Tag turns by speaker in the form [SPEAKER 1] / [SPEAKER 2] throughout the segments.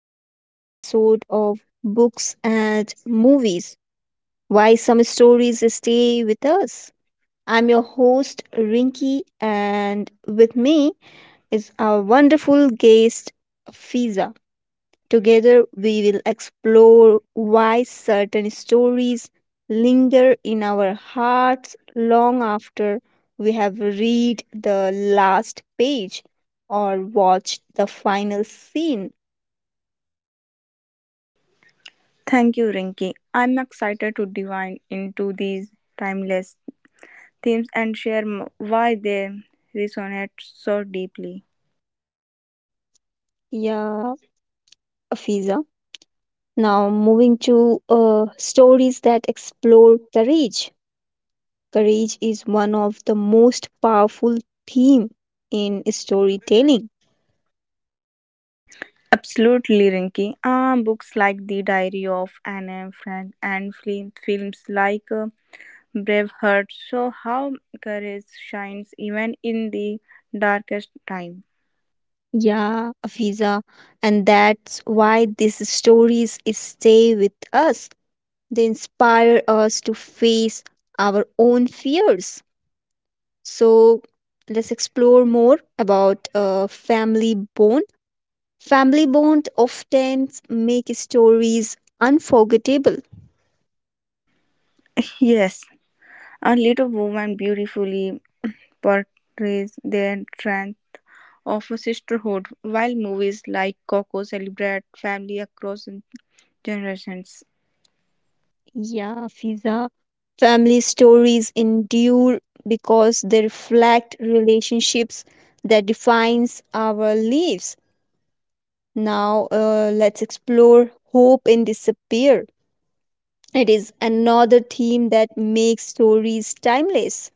[SPEAKER 1] today's episode of Books and Movies, Why Some Stories Stay With Us. I'm your host Rinky, and with me is our wonderful guest Fiza. Together, we will explore why certain stories linger in our hearts long after we have read the last page or watched the final scene.
[SPEAKER 2] Thank you, Rinki. I'm excited to dive into these timeless themes and why they resonate so deeply.
[SPEAKER 1] Yeah, Afiza. Now moving to stories that explore courage. Courage is one of the most powerful theme in storytelling.
[SPEAKER 2] Absolutely, Rinki. Books like The Diary of Anne Frank and films like Braveheart show how courage shines even in the darkest time.
[SPEAKER 1] Yeah, Afiza, and that's why these stories is stay with us. They inspire us to face our own fears. So let's explore more about family bond. Family bond often make stories unforgettable.
[SPEAKER 2] Yes, a little woman beautifully portrays their strength of a sisterhood, while movies like Coco celebrate family across generations.
[SPEAKER 1] Yeah, Fiza. Family stories endure because they reflect relationships that defines our lives. Now let's explore hope and disappear. It is another theme that makes stories timeless.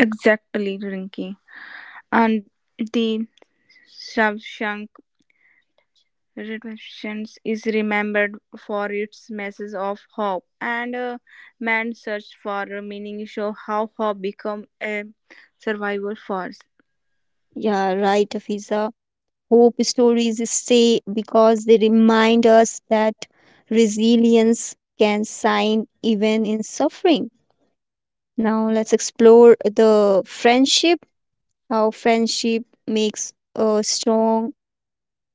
[SPEAKER 2] Exactly, Rinky. And the Shawshank Redemption is remembered for its message of hope and a man's search for a meaning show how hope become a survival force.
[SPEAKER 1] Yeah, right, Afiza. Hope stories stay because they remind us that resilience can shine even in suffering. Now, let's explore the friendship, how friendship makes strong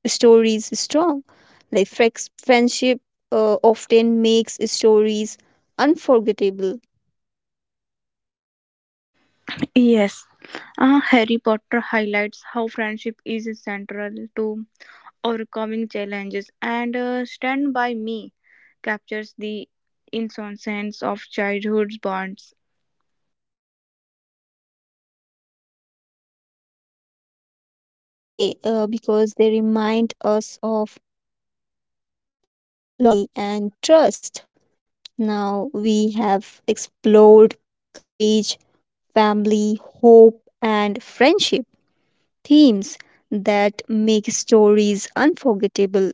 [SPEAKER 1] stories strong. Like friendship often makes stories unforgettable.
[SPEAKER 2] Yes, Harry Potter highlights how friendship is central to overcoming challenges and stand by me captures the innocence of childhood bonds.
[SPEAKER 1] Yeah, Fiza, friendships stores stay because they remind us of loyalty and trust. Now we have explored courage, family, hope, and friendship themes that make stories unforgettable.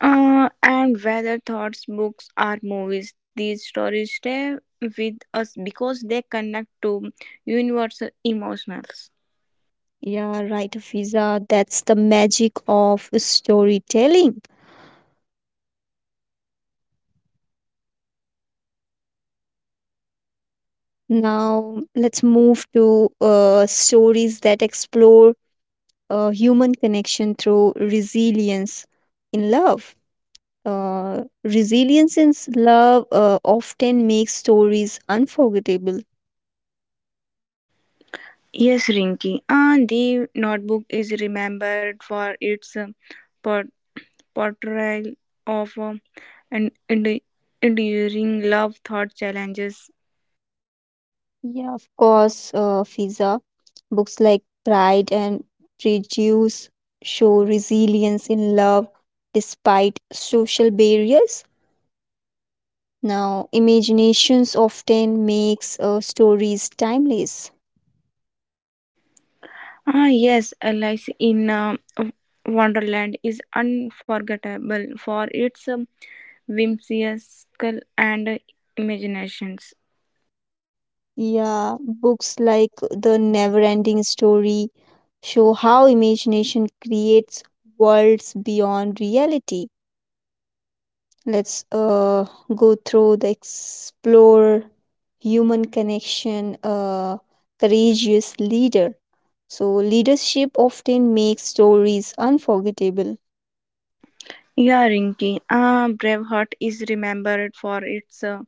[SPEAKER 2] And whether thoughts, books, or movies, these stories stay with us because they connect to universal emotions.
[SPEAKER 1] Yeah, right, Fiza. That's the magic of storytelling. Now let's move to stories that explore human connection through resilience in love. Resilience in love often makes stories unforgettable.
[SPEAKER 2] Yes, Rinki. The notebook is remembered for its por- portrayal of an endu- enduring love thought challenges.
[SPEAKER 1] Yeah, of course, Fiza. Books like Pride and Prejudice show resilience in love despite social barriers. Now, imaginations often makes stories timeless.
[SPEAKER 2] Ah, yes, Alice in Wonderland is unforgettable for its whimsical and imaginations.
[SPEAKER 1] Yeah, books like The Never-Ending Story show how imagination creates worlds beyond reality. Let's go through the explore human connection, courageous leader, so leadership often makes stories unforgettable.
[SPEAKER 2] Yeah, Rinky. Braveheart is remembered for its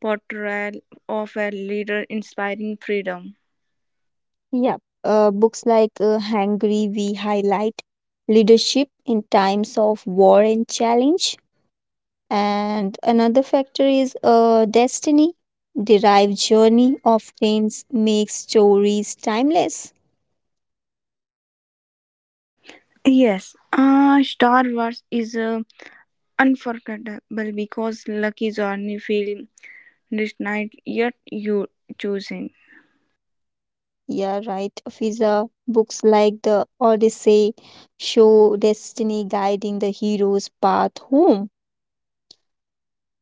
[SPEAKER 2] portrayal of a leader inspiring freedom.
[SPEAKER 1] Yeah, books like hungry we highlight leadership in times of war and challenge, and another factor is destiny derived journey often makes stories timeless.
[SPEAKER 2] Yes, Star Wars is unforgettable because Lucky Zorni film night yet you choosing.
[SPEAKER 1] Yeah, right. Fiza, books like the Odyssey show destiny guiding the hero's path home.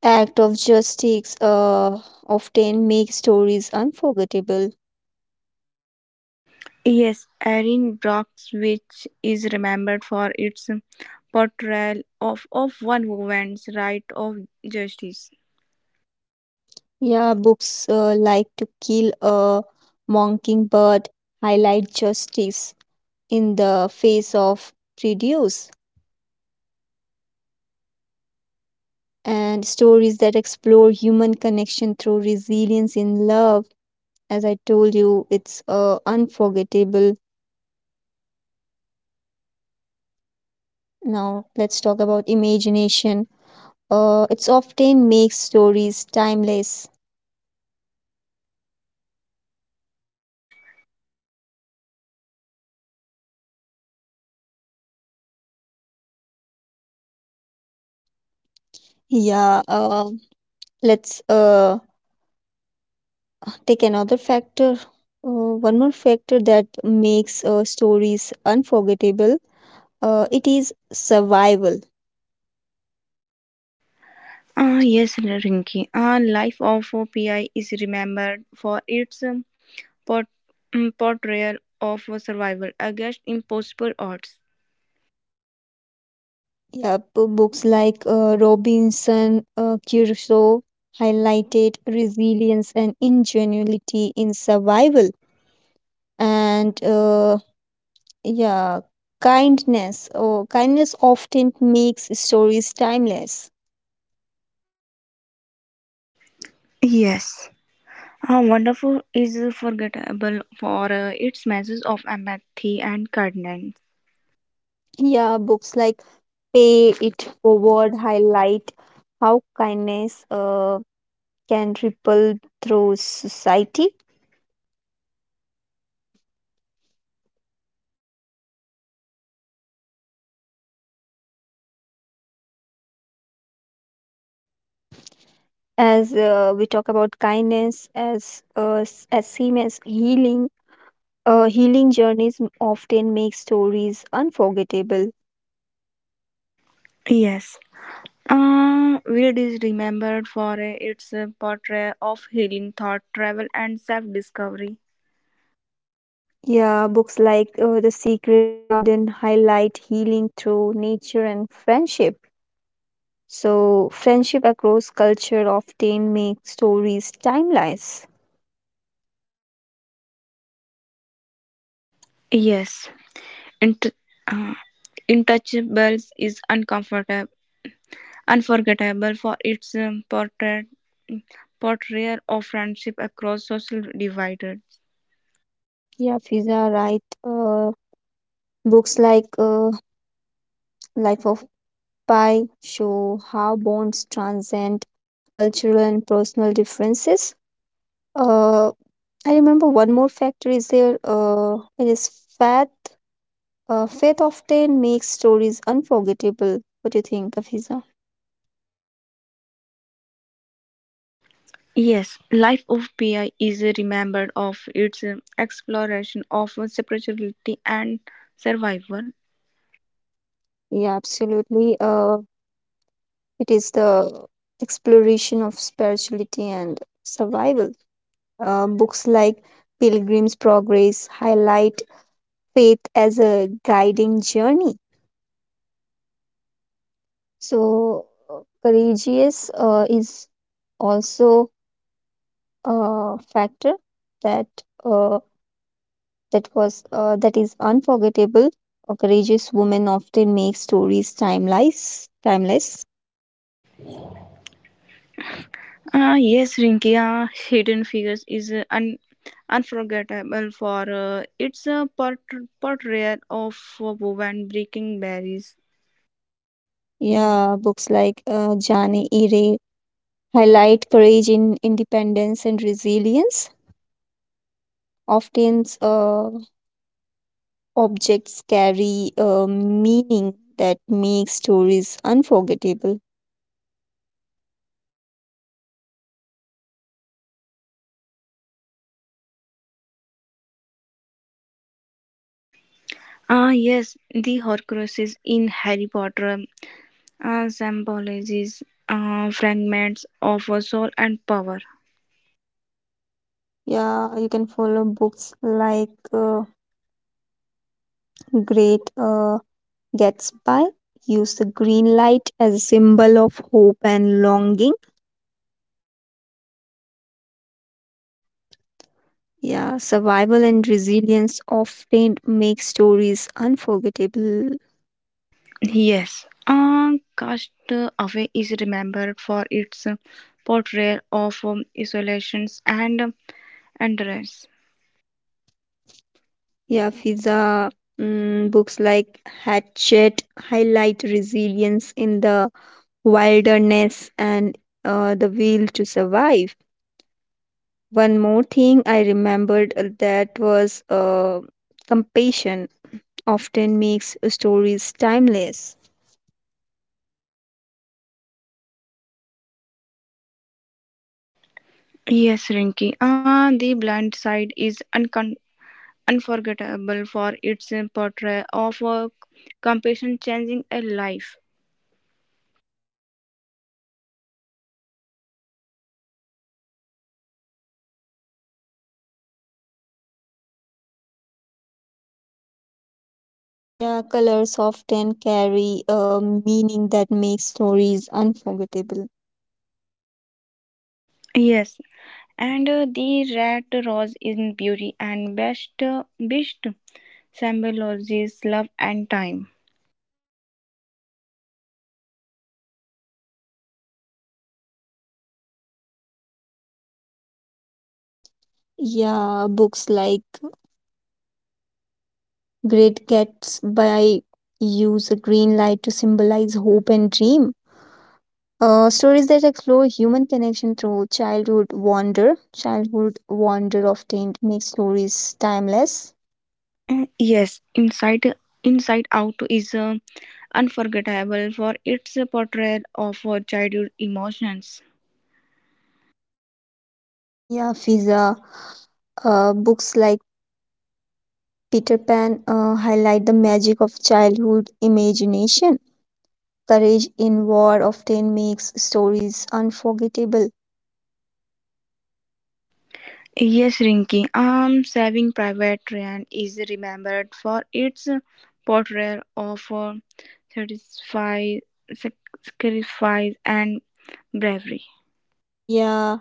[SPEAKER 1] Act of justice often make stories unforgettable.
[SPEAKER 2] Yes, Erin Brockovich is remembered for its portrayal of one woman's right of justice.
[SPEAKER 1] Yeah, books like To Kill a Mockingbird highlight justice in the face of prejudice, and stories that explore human connection through resilience in love. As I told you, it's unforgettable. Now, let's talk about imagination. It's often makes stories timeless. Yeah, let's take another factor. One more factor that makes stories unforgettable. It is survival.
[SPEAKER 2] Ah, yes, Rinki. Ah, Life of PI is remembered for its port- portrayal of survival against impossible odds.
[SPEAKER 1] Yeah, books like Robinson Crusoe highlighted resilience and ingenuity in survival, and yeah, kindness. Oh, kindness often makes stories timeless.
[SPEAKER 2] Yes. Ah, Wonderful is forgettable for its message of empathy and kindness.
[SPEAKER 1] Yeah, books like Pay It Forward highlight how kindness can ripple through society. As we talk about kindness as as seen as healing, healing journeys often make stories unforgettable.
[SPEAKER 2] Yes. Weird is remembered for its portrayal of healing thought, travel, and self discovery.
[SPEAKER 1] Yeah, books like The Secret Garden highlight healing through nature and friendship. So, friendship across culture often makes stories timeless.
[SPEAKER 2] Yes, Int- uh, Intouchables is unforgettable for its portrayal of friendship across social dividers.
[SPEAKER 1] Yeah, Fiza, right. Books like Life of Pi show how bonds transcend cultural and personal differences. Uh, I remember one more factor is there. It is faith. Faith often makes stories unforgettable. What do you think, Afiza?
[SPEAKER 2] Yes, Life of Pi is remembered of its exploration of spirituality and survival.
[SPEAKER 1] Yeah, absolutely. It is the exploration of spirituality and survival. Books like Pilgrim's Progress highlight faith as a guiding journey. So, courageous is also a factor that uh, that was that is unforgettable. A courageous woman often makes stories timeless. Timeless.
[SPEAKER 2] Ah, yes, Rinkia, Hidden Figures is unforgettable for its portrayal of a woman breaking barriers.
[SPEAKER 1] Yeah, books like Jane Eyre highlight courage in independence and resilience. Often, objects carry a meaning that makes stories unforgettable.
[SPEAKER 2] Ah, yes, the Horcruxes in Harry Potter symbolizes fragments of a soul and power.
[SPEAKER 1] Yeah, you can follow books like Great Gatsby. Use the green light as a symbol of hope and longing. Yeah, survival and resilience often make stories unforgettable.
[SPEAKER 2] Yes, Cast Away is remembered for its portrayal of isolations and rest.
[SPEAKER 1] Yeah, Fiza, books like Hatchet highlight resilience in the wilderness and the will to survive. One more thing I remembered that was compassion often makes stories timeless.
[SPEAKER 2] Yes, Rinky. Ah, the blind side is uncon unforgettable for its portrayal of a compassion changing a life.
[SPEAKER 1] Yeah, colors often carry a meaning that makes stories unforgettable.
[SPEAKER 2] Yes, and the rat rose in beauty and best symbolizes love and time.
[SPEAKER 1] Yeah, books like Great Gatsby use a green light to symbolize hope and dream. Stories that explore human connection through childhood wonder often makes stories timeless.
[SPEAKER 2] Yes, Inside Out is unforgettable for its portrayal of childhood emotions.
[SPEAKER 1] Yeah, Fiza. Books like Peter Pan highlight the magic of childhood imagination. Courage in War often makes stories unforgettable.
[SPEAKER 2] Yes, Rinky. Saving Private Ryan is remembered for its portrayal of satisfy, sacrifice and bravery.
[SPEAKER 1] Yeah,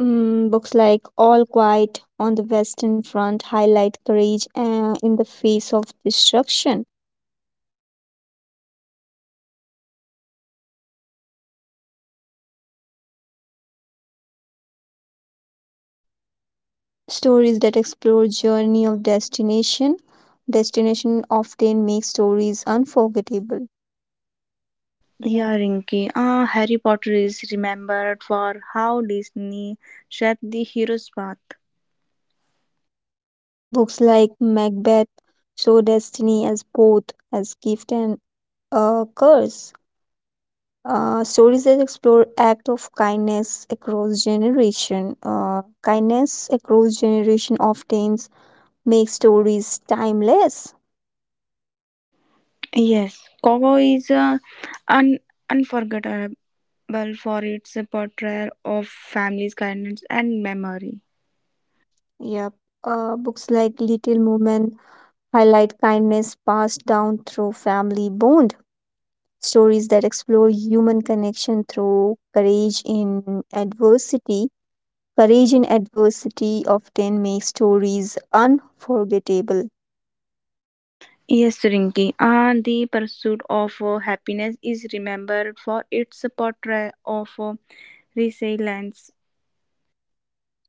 [SPEAKER 1] books like All Quiet on the Western Front highlight courage in the face of destruction. Stories that explore journey of destination, destination often make stories unforgettable. Yeah.
[SPEAKER 2] Yeah, Rinky. Harry Potter is remembered for how Disney shaped the hero's path.
[SPEAKER 1] Books like Macbeth show destiny as both as gift and curse. Stories that explore act of kindness across generation. Kindness across generation often makes stories timeless.
[SPEAKER 2] Yes, Coco is un- unforgettable for its portrayal of family's kindness and memory.
[SPEAKER 1] Yep. Books like Little Women highlight kindness passed down through family bond. Stories that explore human connection through courage in adversity. Courage in adversity often makes stories unforgettable.
[SPEAKER 2] Yes, Rinki. And the pursuit of happiness is remembered for its portrayal of resilience.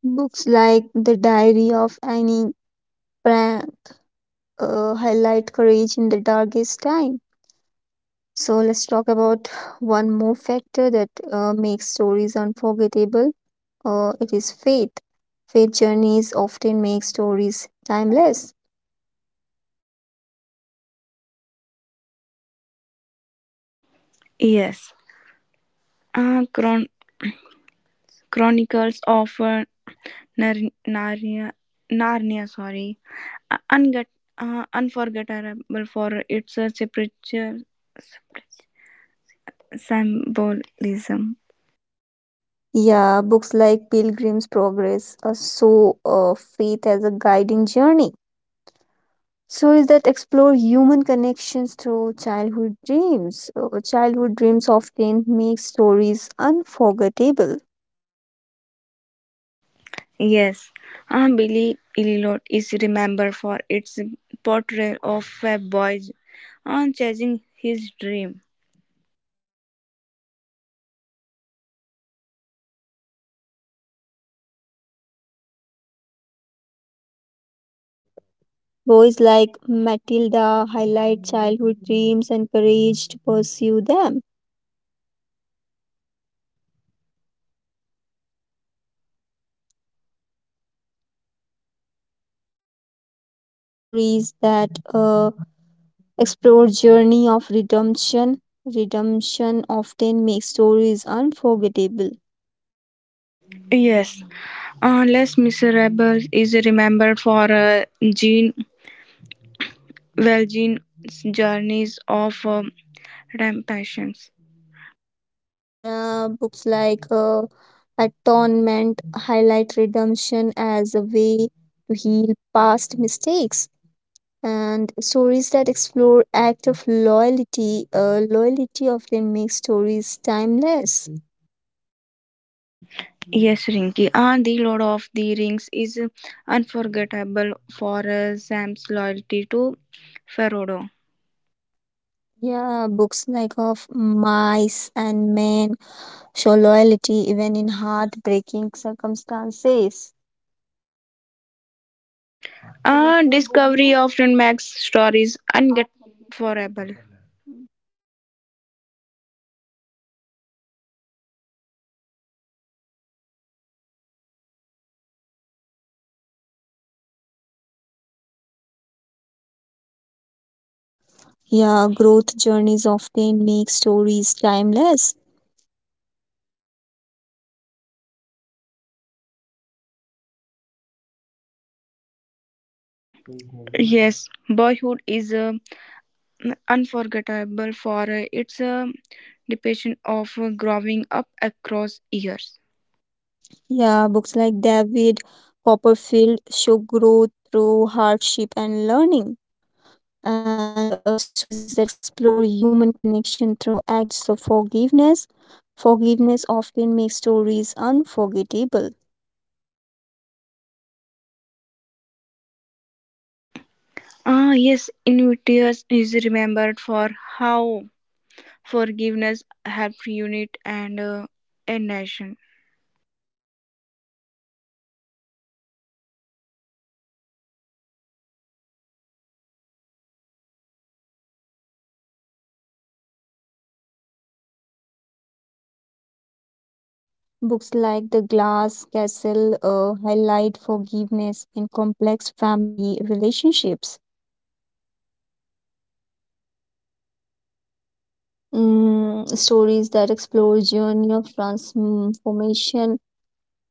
[SPEAKER 1] Books like The Diary of Annie Frank highlight courage in the darkest time. So let's talk about one more factor that makes stories unforgettable. It is faith. Faith journeys often make stories timeless.
[SPEAKER 2] Yes. Uh, chron- Chronicles of Nar- Narnia, Narnia, sorry. Uh, unget- Unforgettable for its spiritual symbolism.
[SPEAKER 1] Yeah, books like Pilgrim's Progress show faith as a guiding journey. Stories that explore human connections through childhood dreams. Childhood dreams often make stories unforgettable.
[SPEAKER 2] Yes. Billy Elliot is remembered for its portrayal of a boy chasing his dream.
[SPEAKER 1] Boys like Matilda highlight childhood dreams and courage to pursue them. Stories that explore journey of redemption. Redemption often makes stories unforgettable.
[SPEAKER 2] Yes, Les Miserables is remembered for Jean Valjean's journeys of rampation.
[SPEAKER 1] Yeah, books like Atonement highlight redemption as a way to heal past mistakes, and stories that explore act of loyalty, loyalty often make stories timeless.
[SPEAKER 2] Yes, Rinky. The Lord of the Rings is unforgettable for Sam's loyalty to Frodo.
[SPEAKER 1] Yeah, books like of mice and men show loyalty even in heartbreaking circumstances.
[SPEAKER 2] Discovery often makes stories unforgettable.
[SPEAKER 1] Yeah, growth journeys often make stories timeless.
[SPEAKER 2] Yes, Boyhood is unforgettable for its depiction of growing up across years.
[SPEAKER 1] Yeah, books like David Copperfield show growth through hardship and learning, and stories that explore human connection through acts of forgiveness. Forgiveness often makes stories unforgettable.
[SPEAKER 2] Ah, yes, Invictus is remembered for how forgiveness helped unite and a nation.
[SPEAKER 1] Books like The Glass Castle highlight forgiveness in complex family relationships. Stories that explore journey of transformation.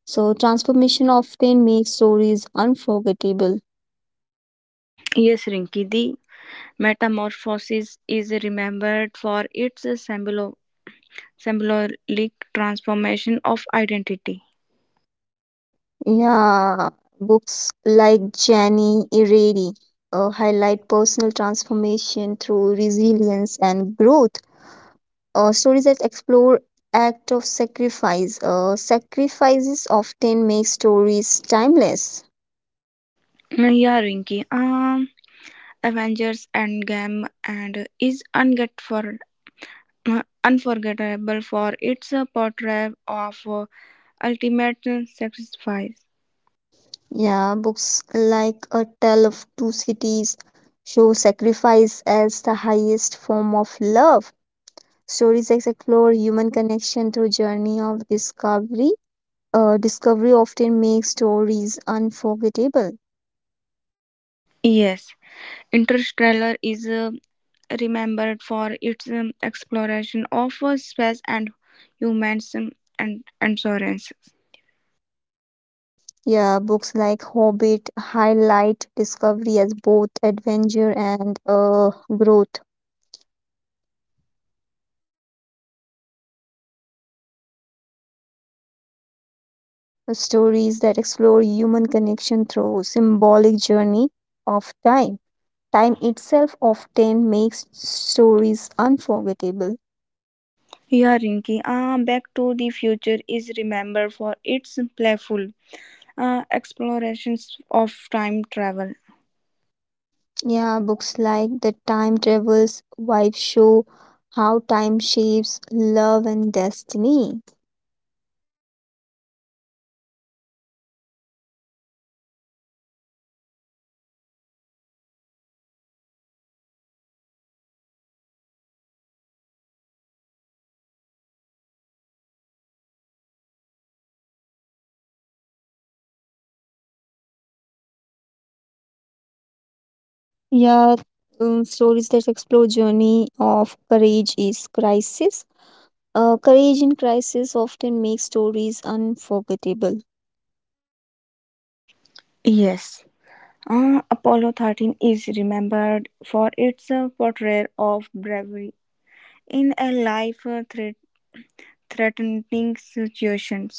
[SPEAKER 1] So transformation often makes stories unforgettable.
[SPEAKER 2] Yes, Rinki, the metamorphosis is remembered for its symbolic transformation of identity.
[SPEAKER 1] Yeah, books like Jenny Errady highlight personal transformation through resilience and growth. Stories that explore act of sacrifice. Sacrifices often make stories timeless.
[SPEAKER 2] Yeah, Rinki. Avengers Endgame and is unget for unforgettable for its portrayal of ultimate sacrifice.
[SPEAKER 1] Yeah, books like A Tale of Two Cities show sacrifice as the highest form of love. Stories that explore human connection through journey of discovery, discovery often makes stories unforgettable.
[SPEAKER 2] Yes. Interstellar is remembered for its exploration of space and humans and endurance.
[SPEAKER 1] Yeah, books like Hobbit highlight discovery as both adventure and growth. Stories that explore human connection through symbolic journey of time. Time itself often makes stories unforgettable.
[SPEAKER 2] Yeah, Rinky. Back to the Future is remembered for its playful explorations of time travel.
[SPEAKER 1] Yeah, books like The Time Traveler's Wife show how time shapes love and destiny. Yeah, stories that explore journey of courage is crisis. Courage in crisis often makes stories unforgettable.
[SPEAKER 2] Yes. Apollo 13 is remembered for its portrayal of bravery in a life threatening situation.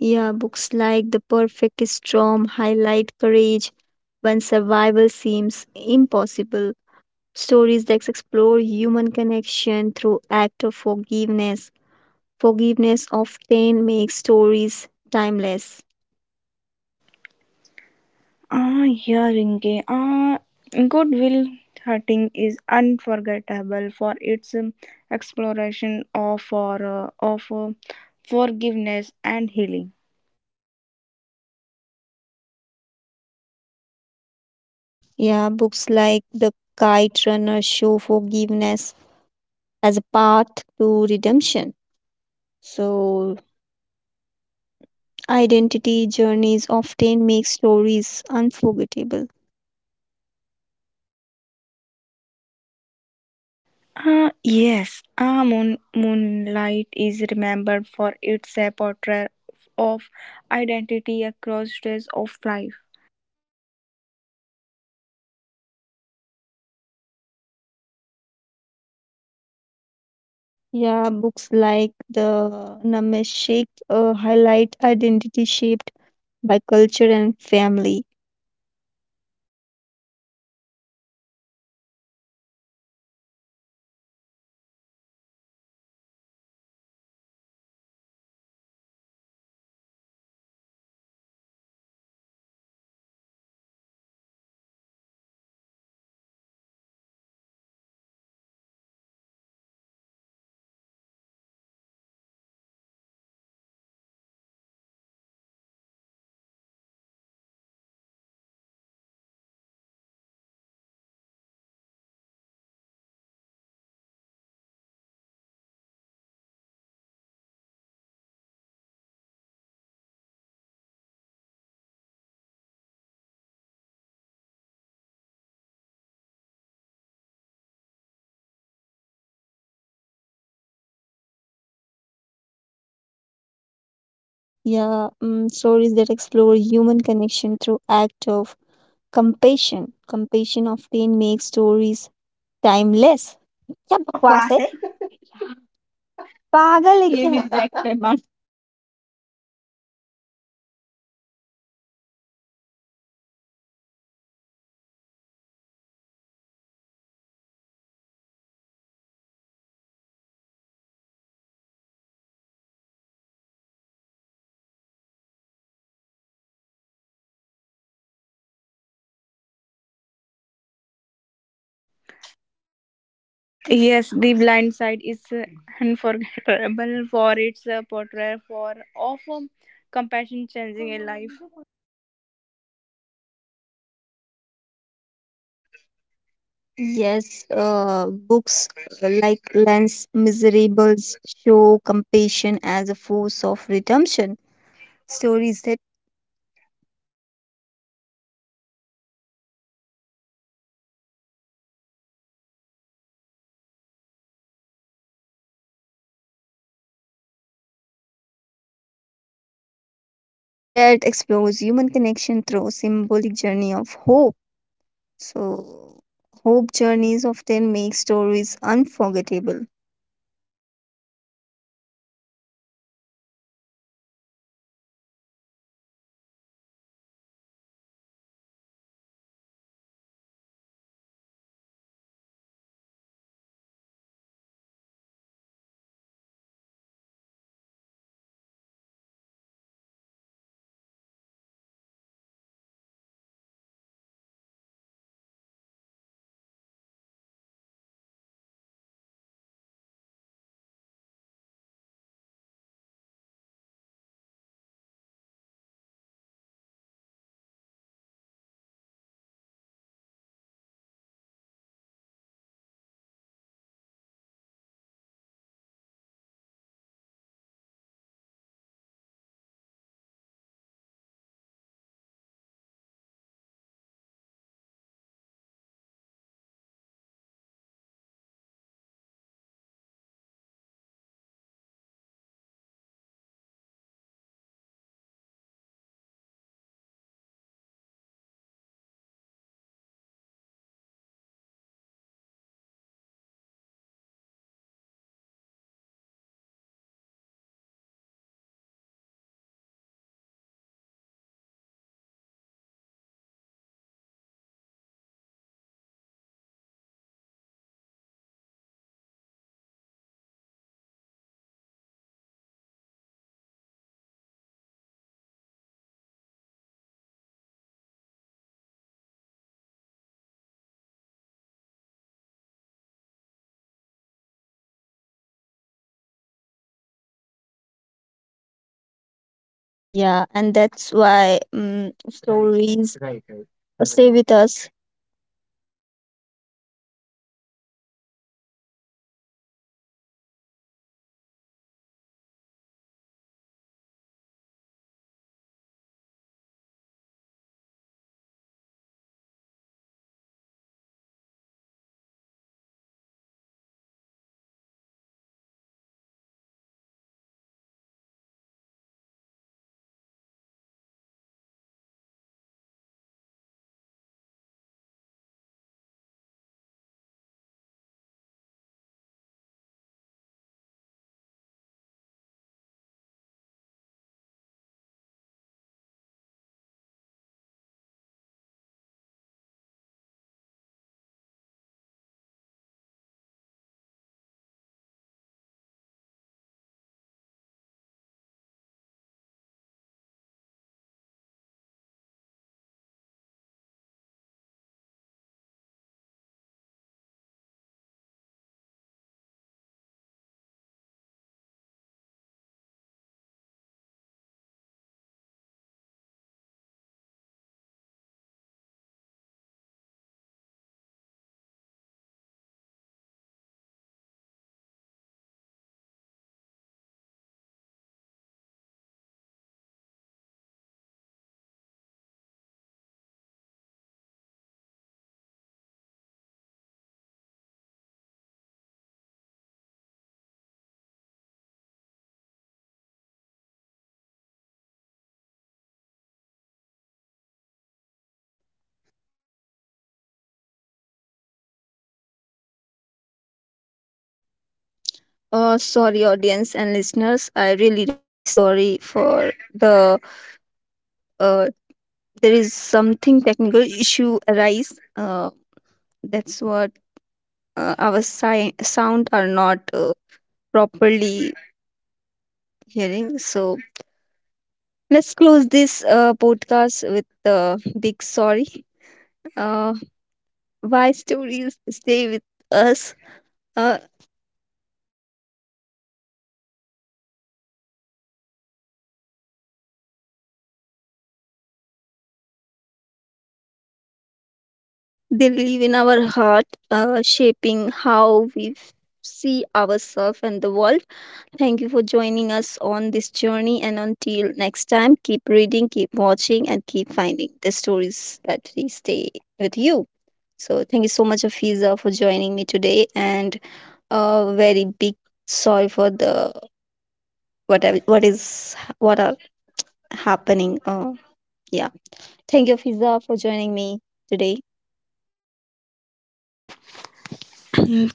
[SPEAKER 1] Yeah, books like The Perfect Storm highlight courage when survival seems impossible. Stories that explore human connection through act of forgiveness. Forgiveness often makes stories timeless.
[SPEAKER 2] Ah, Yarinke. Ah, Goodwill Hunting is unforgettable for its exploration of forgiveness and healing.
[SPEAKER 1] Yeah, books like The Kite Runner show forgiveness as a path to redemption. So, identity journeys often make stories unforgettable.
[SPEAKER 2] Ah, yes. Ah, Moonlight is remembered for its portrayal of identity across stages of life.
[SPEAKER 1] Yeah, books like the Namaste highlight identity shaped by culture and family. Yeah, stories that explore human connection through act of compassion. Compassion often makes stories timeless. क्या बकवास है? पागल है क्या?
[SPEAKER 2] Yes, The Blind Side is unforgettable for its portrayal for of compassion changing a life.
[SPEAKER 1] Yes, books like Lance Miserables show compassion as a force of redemption. Stories that explores human connection through symbolic journey of hope. So, hope journeys often make stories unforgettable. Yeah, and that's why stories stay with us. Sorry, audience and listeners. I really, really sorry for the uh, there is something technical issue arise that's what our sound are not properly hearing, so let's close this podcast with a big sorry, uh, why stories stay with us, uh, they live in our heart, shaping how we see ourselves and the world. Thank you for joining us on this journey. And until next time, keep reading, keep watching, and keep finding the stories that we stay with you. So, thank you so much, Afiza, for joining me today. And a very big sorry for the whatever what are happening. Yeah. Thank you, Afiza, for joining me today.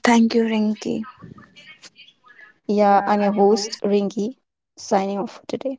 [SPEAKER 2] Thank you, Rinky.
[SPEAKER 1] Yeah, I'm your host, Ringy, signing off for today.